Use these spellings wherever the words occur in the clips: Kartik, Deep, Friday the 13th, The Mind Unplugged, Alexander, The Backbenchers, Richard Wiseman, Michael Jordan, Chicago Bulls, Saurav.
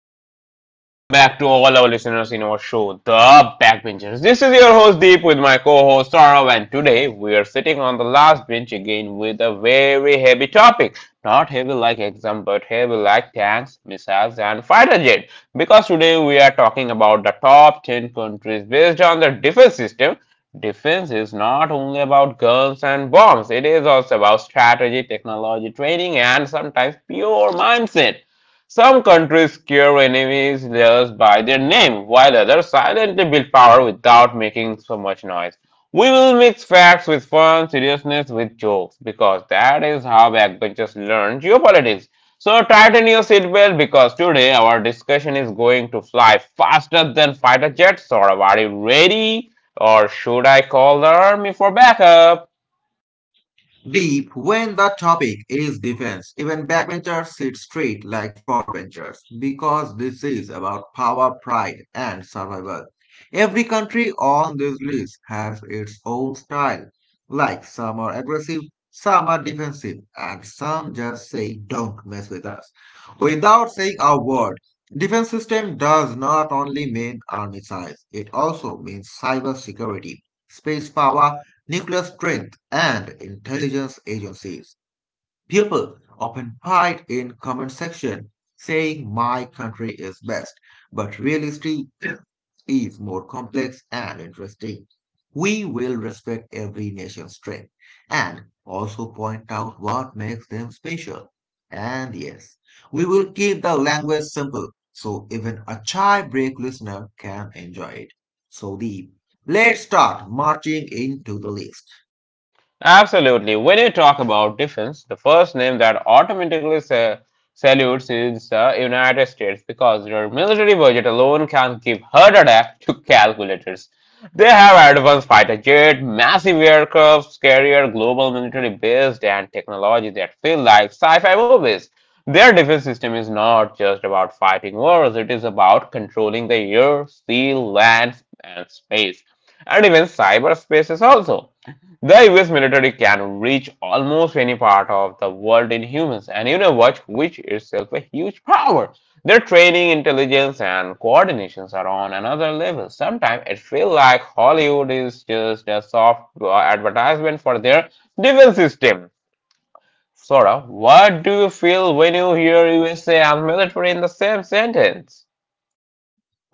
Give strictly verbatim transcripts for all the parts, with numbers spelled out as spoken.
Hello and welcome back to all our listeners in our show, The Backbenchers. This is your host Deep with my co-host Saurav, and today we are sitting on the last bench again with a very heavy topic. Not heavy like exam, but heavy like tanks, missiles, and fighter jet. Because today we are talking about the top ten countries based on their defense system. Defense is not only about guns and bombs, it is also about strategy, technology, training, and sometimes pure mindset. Some countries scare enemies just by their name, while others silently build power without making so much noise. We will mix facts with fun, seriousness with jokes, because that is how backbenchers learn geopolitics. So tighten your seatbelt because today our discussion is going to fly faster than fighter jets. Or are you ready? Or should I call the army for backup? Deep when the topic is defense. Even backbenchers sit straight like frontbenchers because this is about power, pride, and survival. Every country on this list has its own style. Like some are aggressive, some are defensive, and some just say, don't mess with us. Without saying a word, defense system does not only mean army size, it also means cyber security, space power, nuclear strength, and intelligence agencies. People often fight in comment section saying my country is best, but reality is more complex and interesting. We will respect every nation's strength and also point out what makes them special. And yes, we will keep the language simple so even a chai break listener can enjoy it. So deep. Let's start marching into the list. Absolutely. When you talk about defense, the first name that automatically sa- salutes is the United States because their military budget alone can give heart attack to calculators. They have advanced fighter jet, massive aircrafts, carrier, global military base, and technology that feel like sci-fi movies. Their defense system is not just about fighting wars; it is about controlling the air, sea, land, and space, and even cyberspace is also. The U S military can reach almost any part of the world in humans and you know what, which itself a huge power. Their training, intelligence and coordinations are on another level. Sometimes it feels like Hollywood is just a soft uh, advertisement for their defense system. Sora, what do you feel when you hear U S A and military in the same sentence?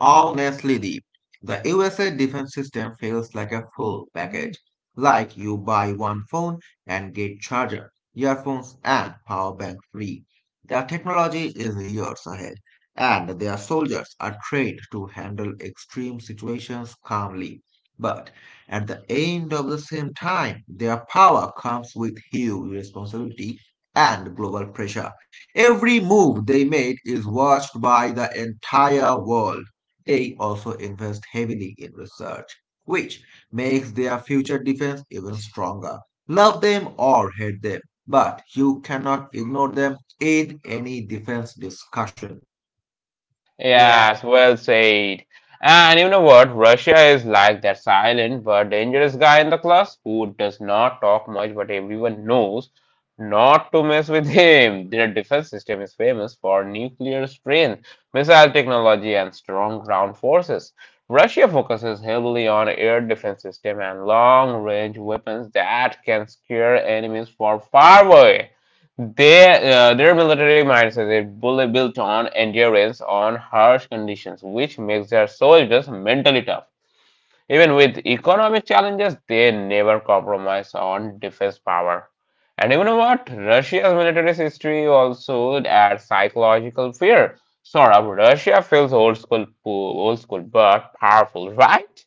Honestly, Deep, the U S A defense system feels like a full package. Like you buy one phone and get charger, earphones, and power bank free. Their technology is years ahead, and their soldiers are trained to handle extreme situations calmly. But at the end of the same time, their power comes with huge responsibility and global pressure. Every move they made is watched by the entire world. They also invest heavily in research, which makes their future defense even stronger. Love them or hate them, but you cannot ignore them in any defense discussion. Yes, well said. And you know what? Russia is like that silent but dangerous guy in the class who does not talk much, but everyone knows not to mess with him. Their defense system is famous for nuclear strength, missile technology, and strong ground forces. Russia focuses heavily on air defense system and long-range weapons that can scare enemies from far away. Their, uh, their military mindset is bull- built on endurance on harsh conditions, which makes their soldiers mentally tough. Even with economic challenges, they never compromise on defense power. And even what Russia's military history also adds psychological fear. Sort of, Russia feels old school, old school, but powerful, right?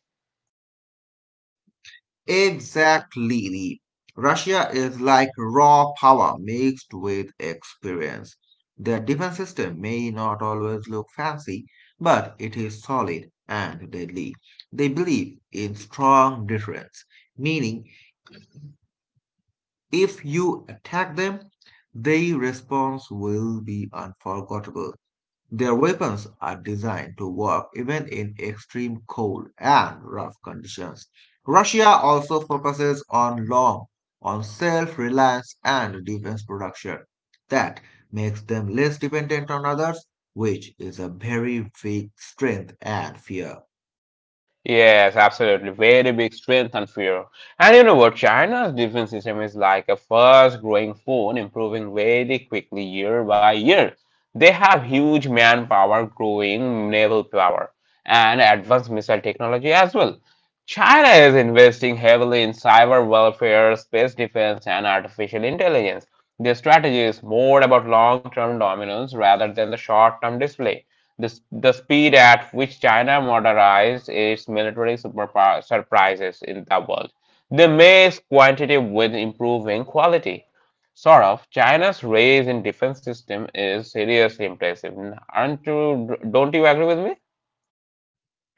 Exactly. Russia is like raw power mixed with experience. Their defense system may not always look fancy, but it is solid and deadly. They believe in strong deterrence, meaning if you attack them, their response will be unforgettable. Their weapons are designed to work even in extreme cold and rough conditions. Russia also focuses on long, on self-reliance and defense production. That makes them less dependent on others, which is a very big strength and fear. Yes, absolutely. Very big strength and fear. And you know what? China's defense system is like a fast growing phone, improving very quickly year by year. They have huge manpower, growing naval power, and advanced missile technology as well. China is investing heavily in cyber warfare, space defense, and artificial intelligence. Their strategy is more about long term dominance rather than the short term display. This, the speed at which China modernized its military superpower surprises in the world. They mixed quantity with improving quality. Sort of, China's rise in defense system is seriously impressive. Aren't you, don't you agree with me?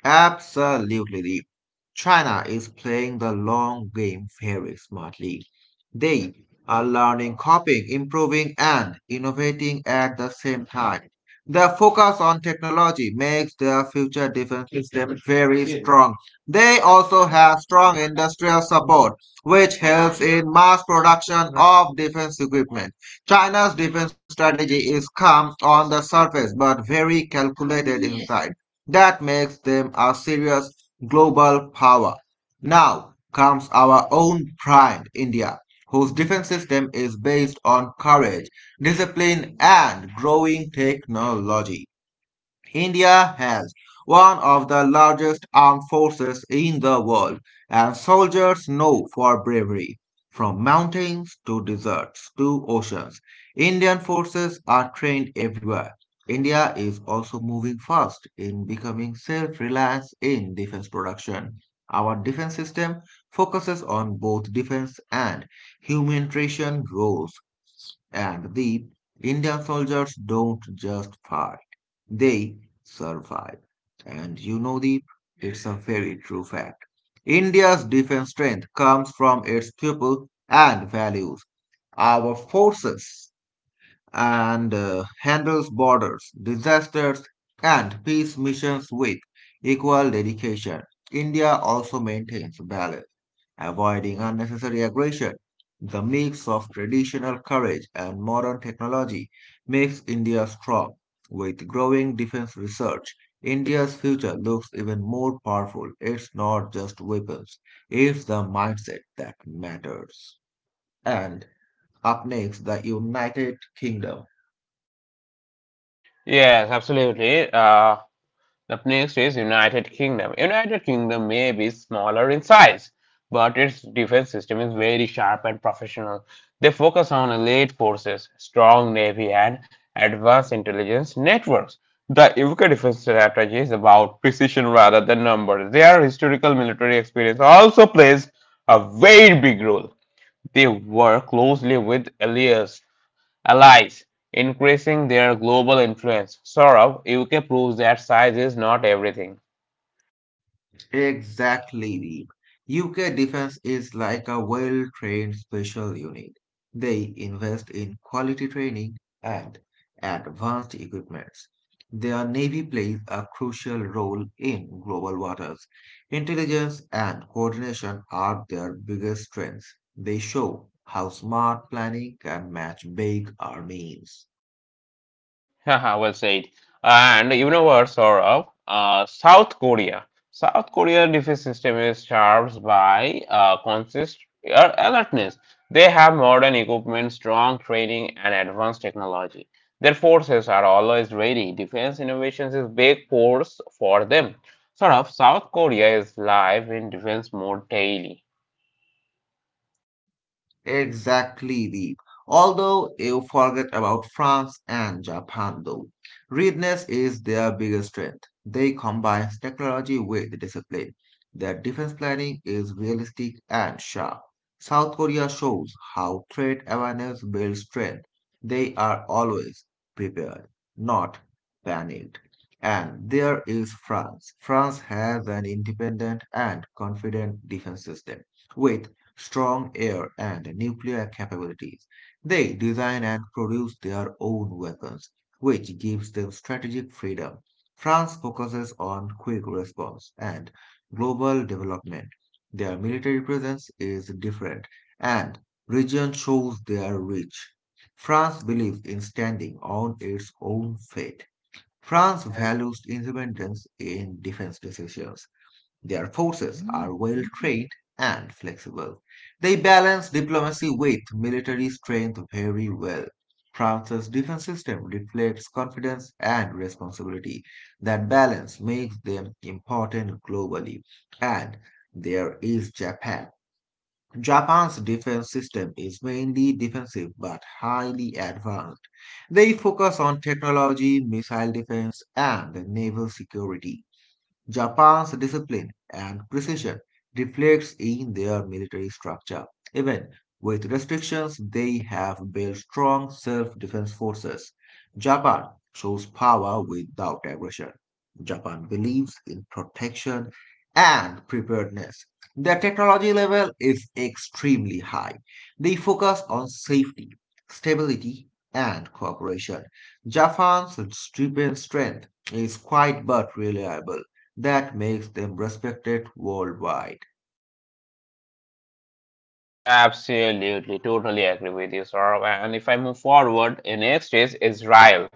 Absolutely. China is playing the long game very smartly. They are learning, copying, improving, and innovating at the same time. Their focus on technology makes their future defense system very strong. They also have strong industrial support, which helps in mass production of defense equipment. China's defense strategy is calm on the surface but very calculated inside. That makes them a serious global power. Now comes our own pride, India, whose defense system is based on courage, discipline, and growing technology. India has one of the largest armed forces in the world, and soldiers know for bravery. From mountains to deserts to oceans, Indian forces are trained everywhere. India is also moving fast in becoming self reliant in defense production. Our defense system focuses on both defense and humanitarian roles. And the Indian soldiers don't just fight, they survive. And you know, the it's a very true fact. India's defense strength comes from its people and values. Our forces and uh, handles borders, disasters, and peace missions with equal dedication. India also maintains balance, avoiding unnecessary aggression. The mix of traditional courage and modern technology makes India strong. With growing defense research, India's future looks even more powerful. It's not just weapons, it's the mindset that matters. And up next, the United Kingdom. Yes, absolutely. Uh, The next is United Kingdom. United Kingdom may be smaller in size, but its defense system is very sharp and professional. They focus on elite forces, strong navy, and advanced intelligence networks. The U K defense strategy is about precision rather than numbers. Their historical military experience also plays a very big role. They work closely with allies allies, increasing their global influence. Saurabh, U K proves that size is not everything. Exactly, Deep. U K Defence is like a well-trained special unit. They invest in quality training and advanced equipments. Their navy plays a crucial role in global waters. Intelligence and coordination are their biggest strengths. They show how smart planning can match big armies. Haha, well said. And you know what, Saurabh? Uh, South Korea. South Korea defense system is charged by uh, consist uh, alertness. They have modern equipment, strong training, and advanced technology. Their forces are always ready. Defense innovations is big force for them. Sort of, South Korea is live in defense mode daily. Exactly, Deep. Although you forget about France and Japan, though. Readiness is their biggest strength. They combine technology with discipline. Their defense planning is realistic and sharp. South Korea shows how threat awareness builds strength. They are always prepared, not panicked. And there is France. France has an independent and confident defense system with strong air and nuclear capabilities. They design and produce their own weapons, which gives them strategic freedom. France focuses on quick response and global development. Their military presence is different, and region shows their reach. France believes in standing on its own feet. France values independence in defense decisions. Their forces are well trained and flexible. They balance diplomacy with military strength very well. France's defense system reflects confidence and responsibility. That balance makes them important globally. And there is Japan. Japan's defense system is mainly defensive but highly advanced. They focus on technology, missile defense, and naval security. Japan's discipline and precision reflects in their military structure. Even with restrictions, they have built strong self-defense forces. Japan shows power without aggression. Japan believes in protection and preparedness. Their technology level is extremely high. They focus on safety, stability, and cooperation. Japan's defense strength is quiet but reliable that makes them respected worldwide. Absolutely, totally agree with you, Saurabh. And if I move forward, the next is Israel.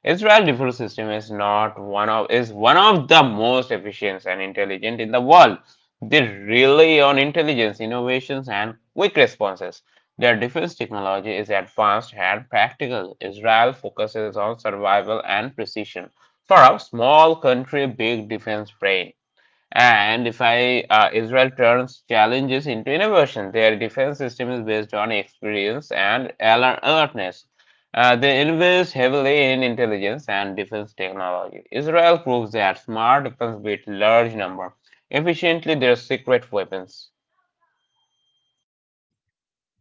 Israel defense system is not one of is one of the most efficient and intelligent in the world. They rely on intelligence, innovations, and quick responses. Their defense technology is advanced and practical. Israel focuses on survival and precision. For a small country, big defense brain. And if I uh, Israel turns challenges into innovation, their defense system is based on experience and al- alertness. Uh, they invest heavily in intelligence and defense technology. Israel proves that smart weapons beat large number efficiently their secret weapons.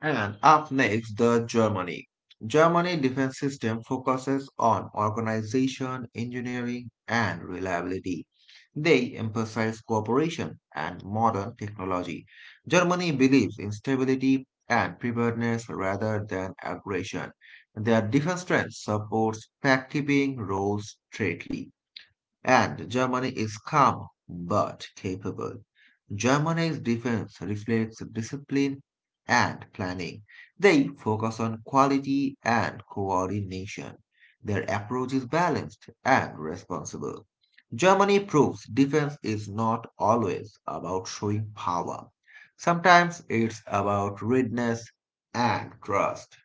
And up next, the Germany. Germany defense system focuses on organization, engineering, and reliability. They emphasize cooperation and modern technology. Germany believes in stability and preparedness rather than aggression. Their defense strength supports pact-keeping roles straightly. And Germany is calm but capable. Germany's defense reflects discipline and planning. They focus on quality and coordination. Their approach is balanced and responsible. Germany proves defense is not always about showing power. Sometimes it's about readiness and trust.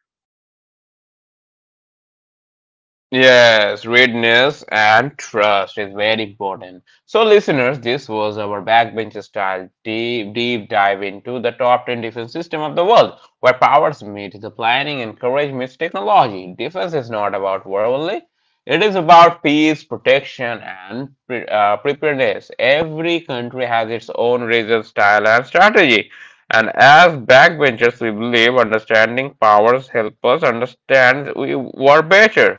Yes, readiness and trust is very important. So, listeners, this was our backbench style deep, deep dive into the top ten defense system of the world, where powers meet the planning and courage meets technology. Defense is not about war only; it is about peace, protection, and pre- uh, preparedness. Every country has its own region, style, and strategy. And as backbenchers, we believe understanding powers help us understand we war better.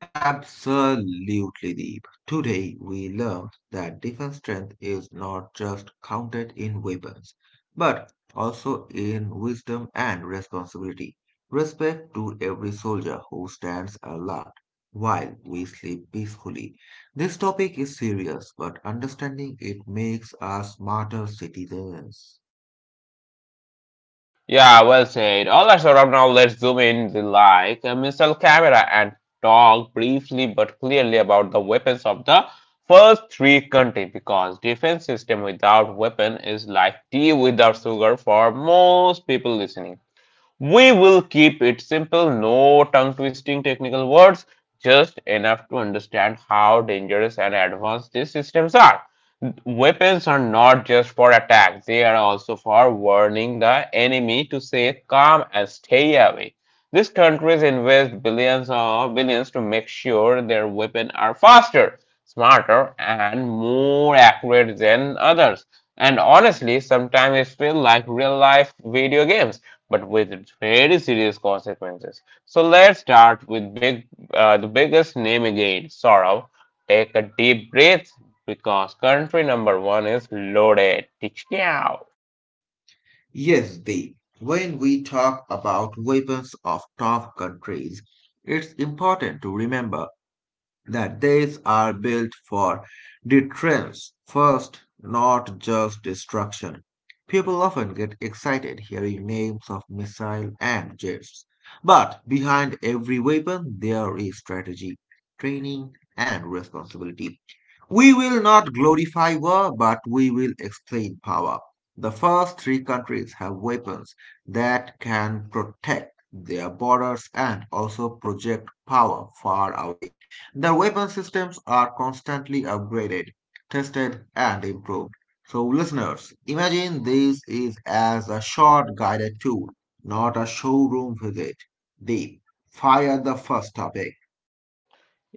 Absolutely deep. Today, we learned that defense strength is not just counted in weapons, but also in wisdom and responsibility. Respect to every soldier who stands alert while we sleep peacefully. This topic is serious, but understanding it makes us smarter citizens. Yeah, well said. All right, Saurabh, now let's zoom in the like a missile camera and talk briefly but clearly about the weapons of the first three countries because defense system without weapon is like tea without sugar for most people listening. We will keep it simple, no tongue twisting technical words, just enough to understand how dangerous and advanced these systems are. Weapons are not just for attack, they are also for warning the enemy to stay calm and stay away. These countries invest billions or billions to make sure their weapons are faster, smarter, and more accurate than others. And honestly, sometimes it feels like real life video games, but with very serious consequences. So let's start with big, uh, the biggest name again, Sorrow. Take a deep breath because country number one is loaded. Tichkau. Yes, Deep. When we talk about weapons of tough countries, it's important to remember that these are built for deterrence first, not just destruction. People often get excited hearing names of missile and jets. But behind every weapon, there is strategy, training, and responsibility. We will not glorify war, but we will explain power. The first three countries have weapons that can protect their borders and also project power far away. The weapon systems are constantly upgraded, tested, and improved. So, listeners, imagine this is as a short guided tour, not a showroom visit. Deep. Fire the first topic.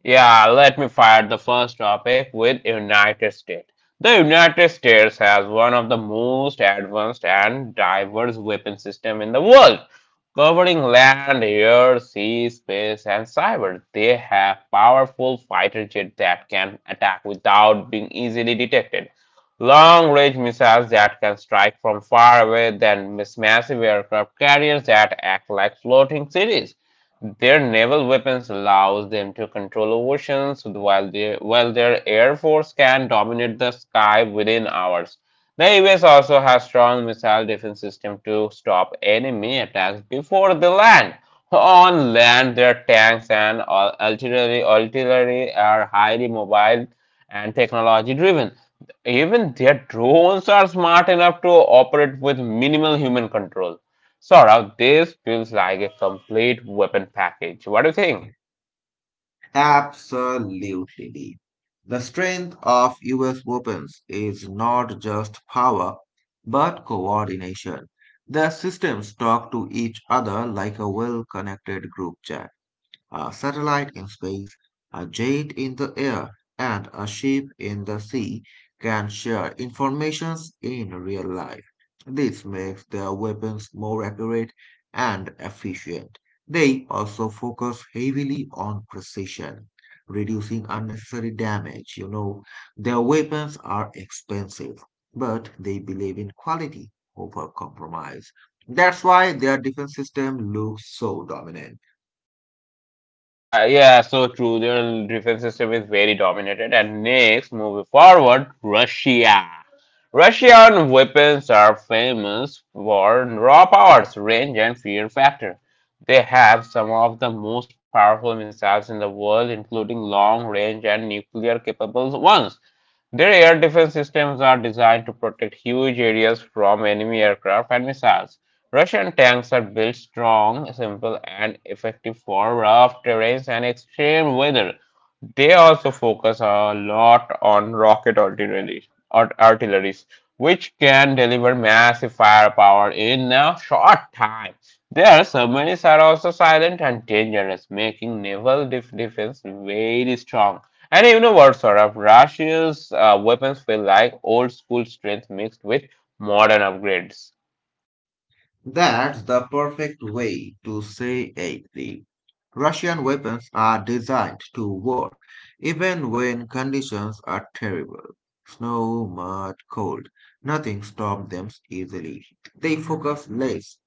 Yeah, let me fire the first topic with United States. The United States has one of the most advanced and diverse weapon system in the world, covering land, air, sea, space, and cyber. They have powerful fighter jets that can attack without being easily detected, long-range missiles that can strike from far away, then miss massive aircraft carriers that act like floating cities their naval weapons allows them to control oceans while their while their air force can dominate the sky within hours. The U S also has strong missile defense system to stop enemy attacks before they land. On land, their tanks and ar- artillery artillery are highly mobile and technology driven. Even their drones are smart enough to operate with minimal human control. Saurav, this feels like a complete weapon package. What do you think? Absolutely deep. The strength of U S weapons is not just power, but coordination. Their systems talk to each other like a well connected group chat. A satellite in space, a jet in the air, and a ship in the sea can share information in real life. This makes their weapons more accurate and efficient. They also focus heavily on precision, reducing unnecessary damage. You know, their weapons are expensive, but they believe in quality over compromise. That's why their defense system looks so dominant. Uh, yeah, so true. Their defense system is very dominated. And next, moving forward, Russia. Russian weapons are famous for raw powers, range, and fear factor. They have some of the most powerful missiles in the world, including long range and nuclear capable ones. Their air defense systems are designed to protect huge areas from enemy aircraft and missiles. Russian tanks are built strong, simple, and effective for rough terrains and extreme weather. They also focus a lot on rocket artillery, art- artilleries, which can deliver massive firepower in a short time. Their submarines are also silent and dangerous, making naval def- defense very strong. And you know what, sort of Russia's uh, weapons feel like old school strength mixed with modern upgrades. That's the perfect way to say it. The Russian weapons are designed to work even when conditions are terrible. Snow, mud, cold. Nothing stops them easily. They focus less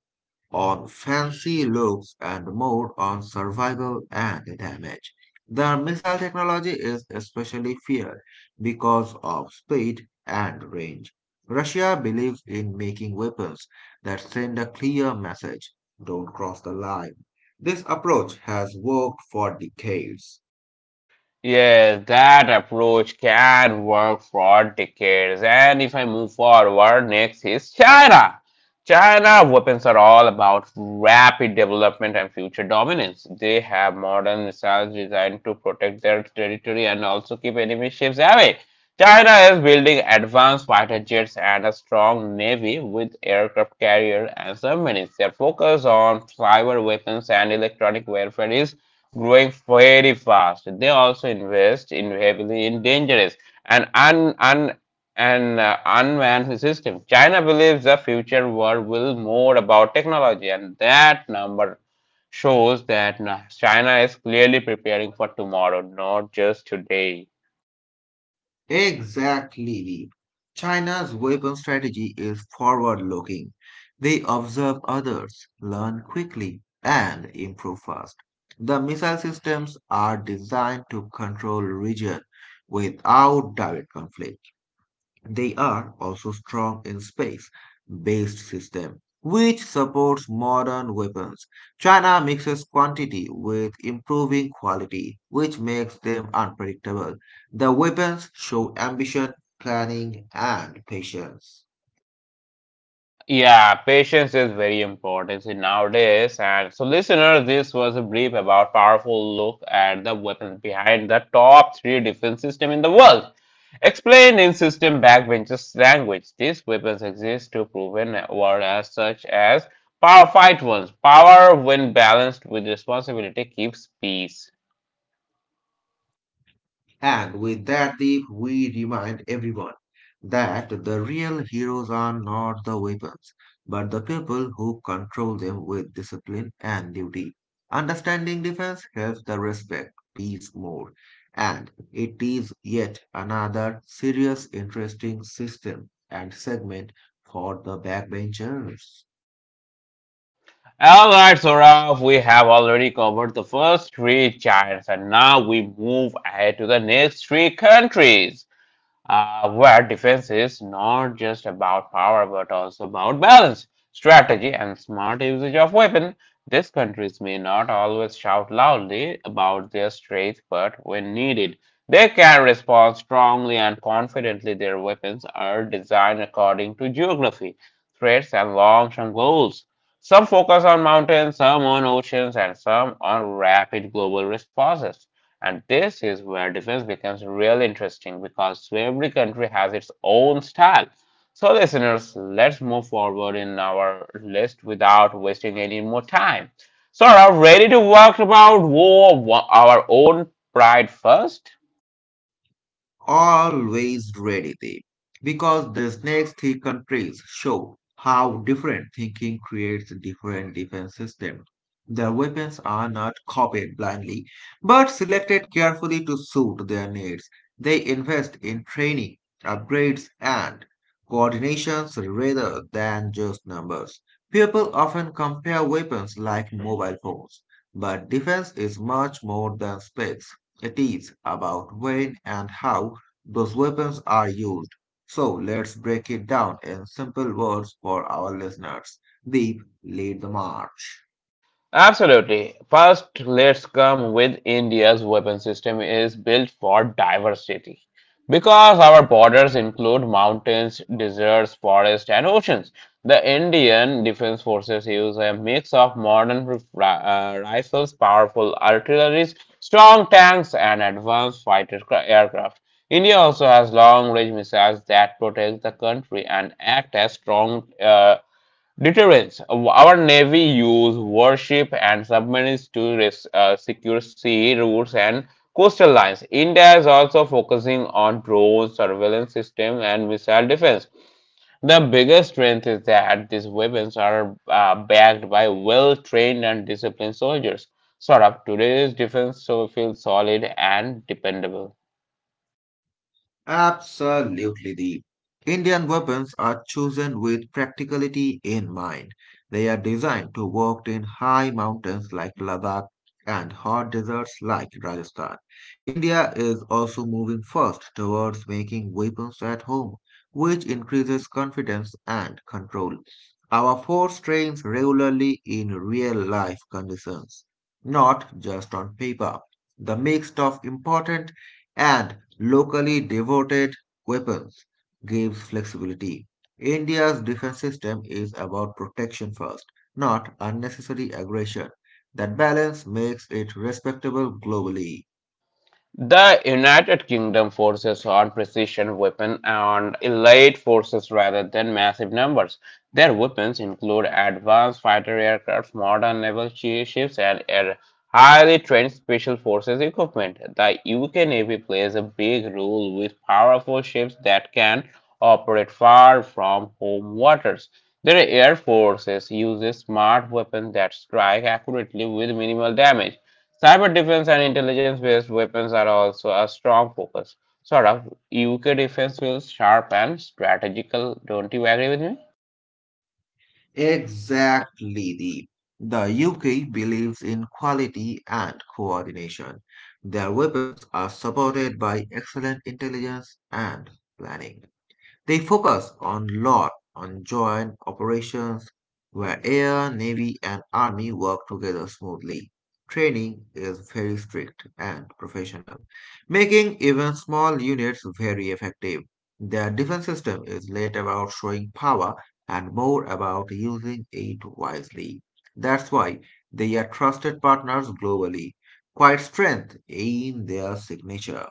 on fancy looks and more on survival and damage. The missile technology is especially feared because of speed and range. Russia believes in making weapons that send a clear message don't cross the line. This approach has worked for decades. Yes, that approach can work for decades. And if I move forward, next is China. China weapons are all about rapid development and future dominance. They have modern missiles designed to protect their territory and also keep enemy ships away. China is building advanced fighter jets and a strong navy with aircraft carrier and submarines. Their focus on cyber weapons and electronic warfare is growing very fast. They also invest in heavily in dangerous and un, un, and uh, unmanned systems. China believes the future world will more about technology, and that number shows that na- China is clearly preparing for tomorrow, not just today. Exactly. China's weapon strategy is forward looking. They observe others, learn quickly, and improve fast. The missile systems are designed to control region without direct conflict. They are also strong in space-based systems, which supports modern weapons. China mixes quantity with improving quality, which makes them unpredictable. The weapons show ambition, planning, and patience. Yeah, patience is very important in nowadays. And so, listener, this was a brief about powerful look at the weapons behind the top three defense system in the world. Explained in system backbenchers language, these weapons exist to proven world as such as power fight ones. Power, when balanced with responsibility, keeps peace. And with that, Deep, we remind everyone that the real heroes are not the weapons, but the people who control them with discipline and duty. Understanding defense helps the respect peace more, and it is yet another serious, interesting system and segment for the backbenchers. All right, Saurav, we have already covered the first three giants, and now we move ahead to the next three countries. Uh, where defense is not just about power but also about balance, strategy, and smart usage of weapon. These countries may not always shout loudly about their strength, but when needed, they can respond strongly and confidently. Their weapons are designed according to geography, threats, and long term goals. Some focus on mountains, some on oceans, and some on rapid global responses. And this is where defense becomes real interesting because every country has its own style. So, listeners, let's move forward in our list without wasting any more time. So, are you ready to talk about war, wa- our own pride first? Always ready there because these next three countries show how different thinking creates different defense systems. Their weapons are not copied blindly but selected carefully to suit their needs. They invest in training, upgrades, and coordinations rather than just numbers. People often compare weapons like mobile phones, but defense is much more than specs. It is about when and how those weapons are used. So let's break it down in simple words for our listeners. Deep, lead the march. Absolutely. First, let's come with India's weapon system is built for diversity. Because our borders include mountains, deserts, forests, and oceans, the Indian Defense Forces use a mix of modern rif- ri- uh, rifles, powerful artillery, strong tanks, and advanced fighter cra- aircraft. India also has long range missiles that protect the country and act as strong uh, deterrence. Our Navy use warship and submarines to res- uh, secure sea routes and coastal lines. India is also focusing on drone surveillance system and missile defense. The biggest strength is that these weapons are uh, backed by well-trained and disciplined soldiers. Sort of today's defense so feels solid and dependable. Absolutely, the Indian weapons are chosen with practicality in mind. They are designed to work in high mountains like Ladakh and hot deserts like Rajasthan. India is also moving fast towards making weapons at home, which increases confidence and control. Our force trains regularly in real life conditions, not just on paper. The mix of important and locally devoted weapons gives flexibility. India's defense system is about protection first, not unnecessary aggression. That balance makes it respectable globally. The United Kingdom forces on precision weapons and elite forces rather than massive numbers. Their weapons include advanced fighter aircraft, modern naval shi- ships, and air- highly trained special forces equipment. The U K Navy plays a big role with powerful ships that can operate far from home waters. Their air forces uses smart weapons that strike accurately with minimal damage. Cyber defense and intelligence based weapons are also a strong focus. Sort of, U K defense feels sharp and strategical. Don't you agree with me? Exactly, the The U K believes in quality and coordination. Their weapons are supported by excellent intelligence and planning. They focus on lot on joint operations where air, navy, and army work together smoothly. Training is very strict and professional, making even small units very effective. Their defense system is less about showing power and more about using it wisely. That's why they are trusted partners globally. Quite strength in their signature.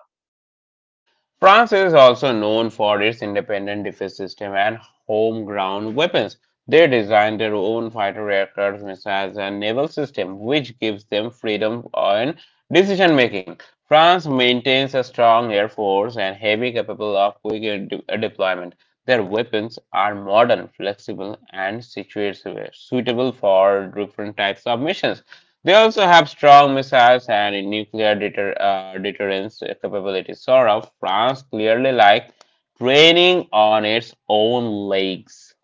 France is also known for its independent defense system and homegrown weapons. They design their own fighter aircraft, missiles, and naval system, which gives them freedom in decision making. France maintains a strong air force and heavy capable of quick de- deployment. Their weapons are modern, flexible, and situated suitable for different types of missions. They also have strong missiles and nuclear deter, uh, deterrence capabilities. Sort of France clearly like training on its own legs.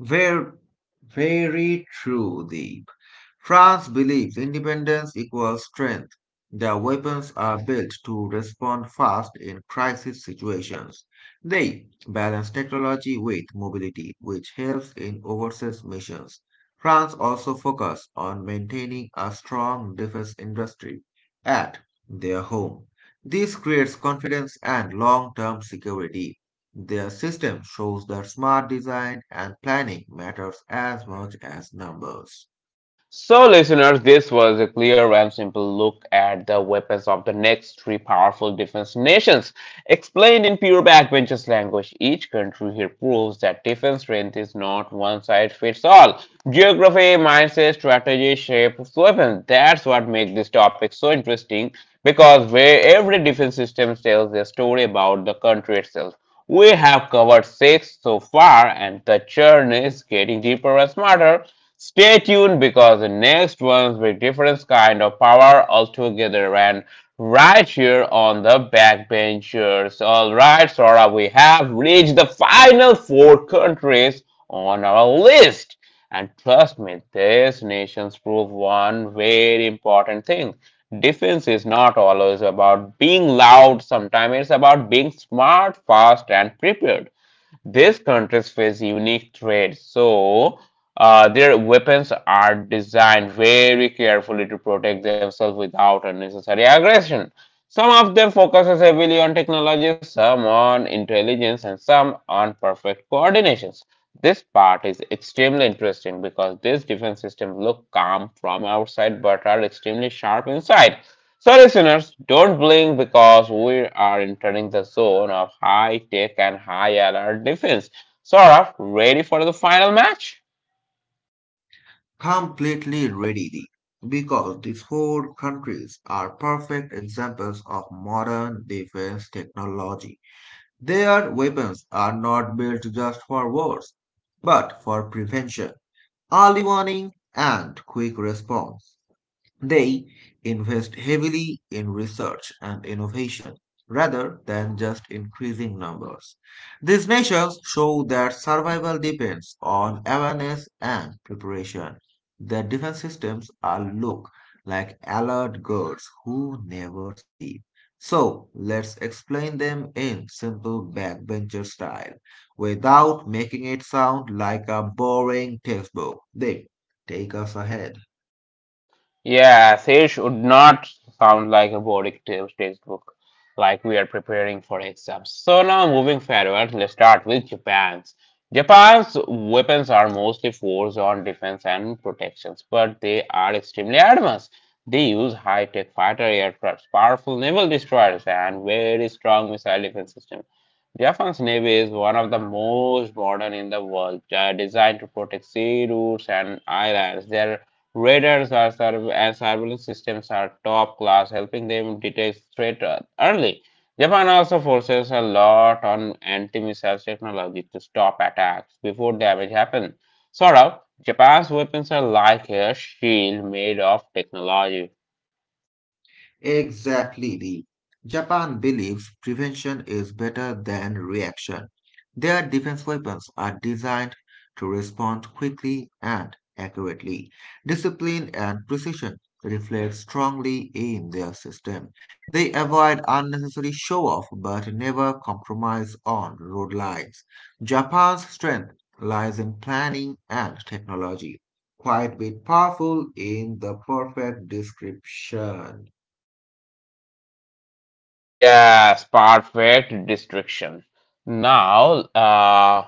Ver- Very true, Deep. France believes independence equals strength. Their weapons are built to respond fast in crisis situations. They balance technology with mobility, which helps in overseas missions. France also focuses on maintaining a strong defense industry at their home. This creates confidence and long-term security. Their system shows that smart design and planning matters as much as numbers. So, listeners, this was a clear and simple look at the weapons of the next three powerful defense nations. Explained in pure backbenchers language, each country here proves that defense strength is not one size fits all. Geography, mindset, strategy, shape of weapons. That's what makes this topic so interesting because where every defense system tells a story about the country itself. We have covered six so far, and the journey is getting deeper and smarter. Stay tuned because the next ones with different kind of power altogether and right here on the backbenchers. Alright, Sora, we have reached the final four countries on our list. And trust me, these nations prove one very important thing. Defense is not always about being loud, sometimes it's about being smart, fast, and prepared. These countries face unique trade, so uh, their weapons are designed very carefully to protect themselves without unnecessary aggression. Some of them focuses heavily on technology, some on intelligence, and some on perfect coordinations. This part is extremely interesting because this defense system look calm from outside but are extremely sharp inside. So, listeners, don't blink because we are entering the zone of high tech and high alert defense. Saurabh, ready for the final match? Completely readily, because these four countries are perfect examples of modern defense technology. Their weapons are not built just for wars, but for prevention, early warning, and quick response. They invest heavily in research and innovation rather than just increasing numbers. These nations show that survival depends on awareness and preparation. Their defense systems are look like alert girls who never sleep. So let's explain them in simple backbencher style without making it sound like a boring textbook. They take us ahead. Yeah, Sage would not sound like a boring t- textbook, like we are preparing for exams. So now moving forward, let's start with Japan's. Japan's weapons are mostly focused on defense and protections, but they are extremely advanced. They use high-tech fighter aircrafts, powerful naval destroyers, and very strong missile defense system. Japan's navy is one of the most modern in the world, uh, designed to protect sea routes and islands. Their radars are surv- and surveillance systems are top class, helping them detect threat uh, early. Japan also forces a lot on anti-missile technology to stop attacks before damage happens. Sort of, Japan's weapons are like a shield made of technology. Exactly, Lee. Japan believes prevention is better than reaction. Their defense weapons are designed to respond quickly and accurately. Discipline and precision reflect strongly in their system. They avoid unnecessary show off but never compromise on road lines. Japan's strength lies in planning and technology. Quite bit powerful in the perfect description. Yes, perfect destruction. Now, uh,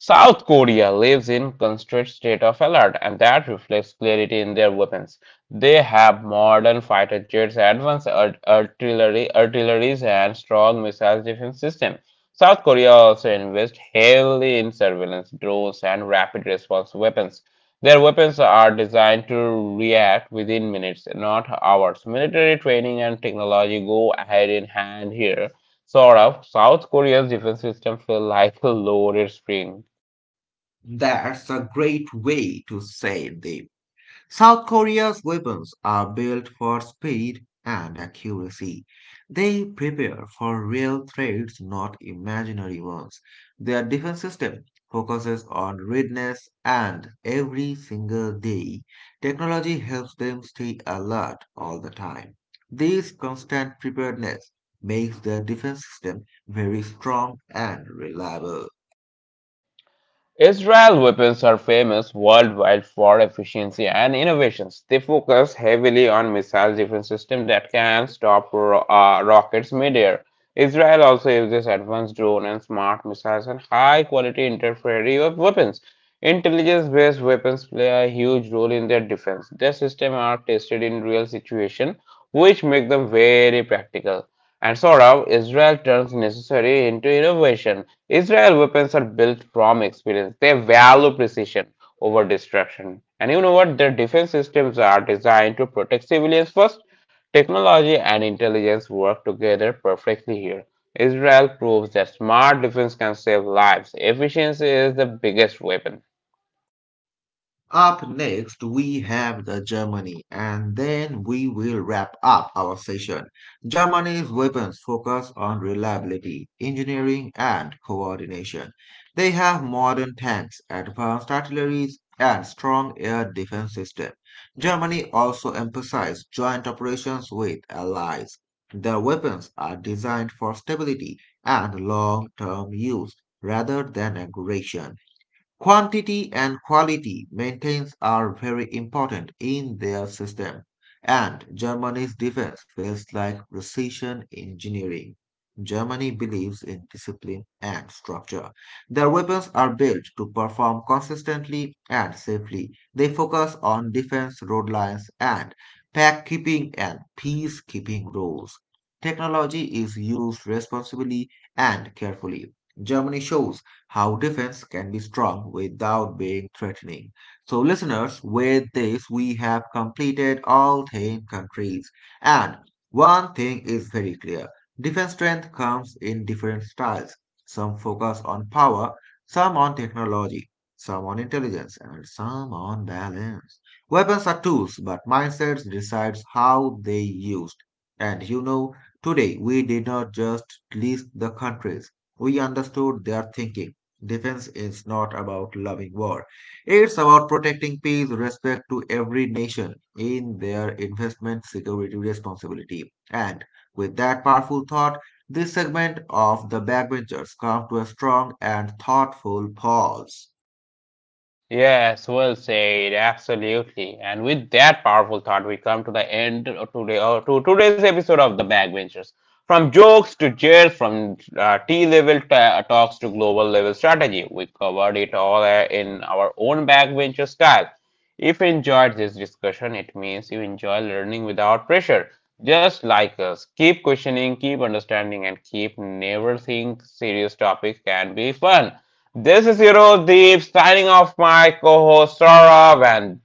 South Korea lives in constant state of alert, and that reflects clarity in their weapons. They have modern fighter jets, advanced art- artillery, artilleries, and strong missile defense system. South Korea also invests heavily in surveillance drones and rapid response weapons. Their weapons are designed to react within minutes, not hours. Military training and technology go hand in hand here. Sort of, South Korea's defense system feels like a loaded spring. That's a great way to say them. South Korea's weapons are built for speed and accuracy. They prepare for real threats, not imaginary ones. Their defense system focuses on readiness, and every single day, technology helps them stay alert all the time. This constant preparedness makes their defense system very strong and reliable. Israel Weapons are famous worldwide for efficiency and innovations. They focus heavily on missile defense systems that can stop ro- uh, rockets midair. Israel also uses advanced drone and smart missiles and high-quality interference weapons. Intelligence-based weapons play a huge role in their defense. Their systems are tested in real situations, which make them very practical. And sort of, Israel turns necessary into innovation. Israel weapons are built from experience. They value precision over destruction. And you know what? Their defense systems are designed to protect civilians first. Technology and intelligence work together perfectly here. Israel proves that smart defense can save lives. Efficiency is the biggest weapon. Up next, we have the Germany, and then we will wrap up our session. Germany's weapons focus on reliability, engineering, and coordination. They have modern tanks, advanced artillery, and strong air defense system. Germany also emphasizes joint operations with allies. Their weapons are designed for stability and long-term use rather than aggression. Quantity and quality maintains are very important in their system, and Germany's defense feels like precision engineering. Germany believes in discipline and structure. Their weapons are built to perform consistently and safely. They focus on defense road lines and pack keeping and peacekeeping roles. Technology is used responsibly and carefully. Germany shows how defense can be strong without being threatening. So, listeners, with this, we have completed all ten countries. And one thing is very clear defense strength comes in different styles. Some focus on power, some on technology, some on intelligence, and some on balance. Weapons are tools, but mindsets decides how they used. And you know, today we did not just list the countries, we understood their thinking. Defense is not about loving war. It's about protecting peace, respect to every nation in their investment security responsibility. And with that powerful thought, this segment of the backbenchers come to a strong and thoughtful pause. Yes, well said. Absolutely. And with that powerful thought, we come to the end of today or to today's episode of The Backbenchers. From jokes to cheers, from uh, T-level ta- talks to global level strategy, we covered it all uh, in our own backbencher style. If you enjoyed this discussion, it means you enjoy learning without pressure. Just like us, keep questioning, keep understanding, and keep never think serious topics can be fun. This is Eurodeep signing off my co-host Saurav and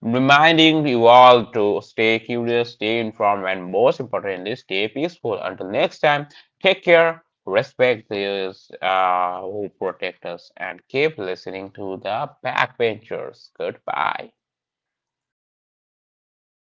reminding you all to stay curious, stay informed, and most importantly, stay peaceful. Until next time, take care, respect those uh, who protect us, and keep listening to the backbenchers. Goodbye.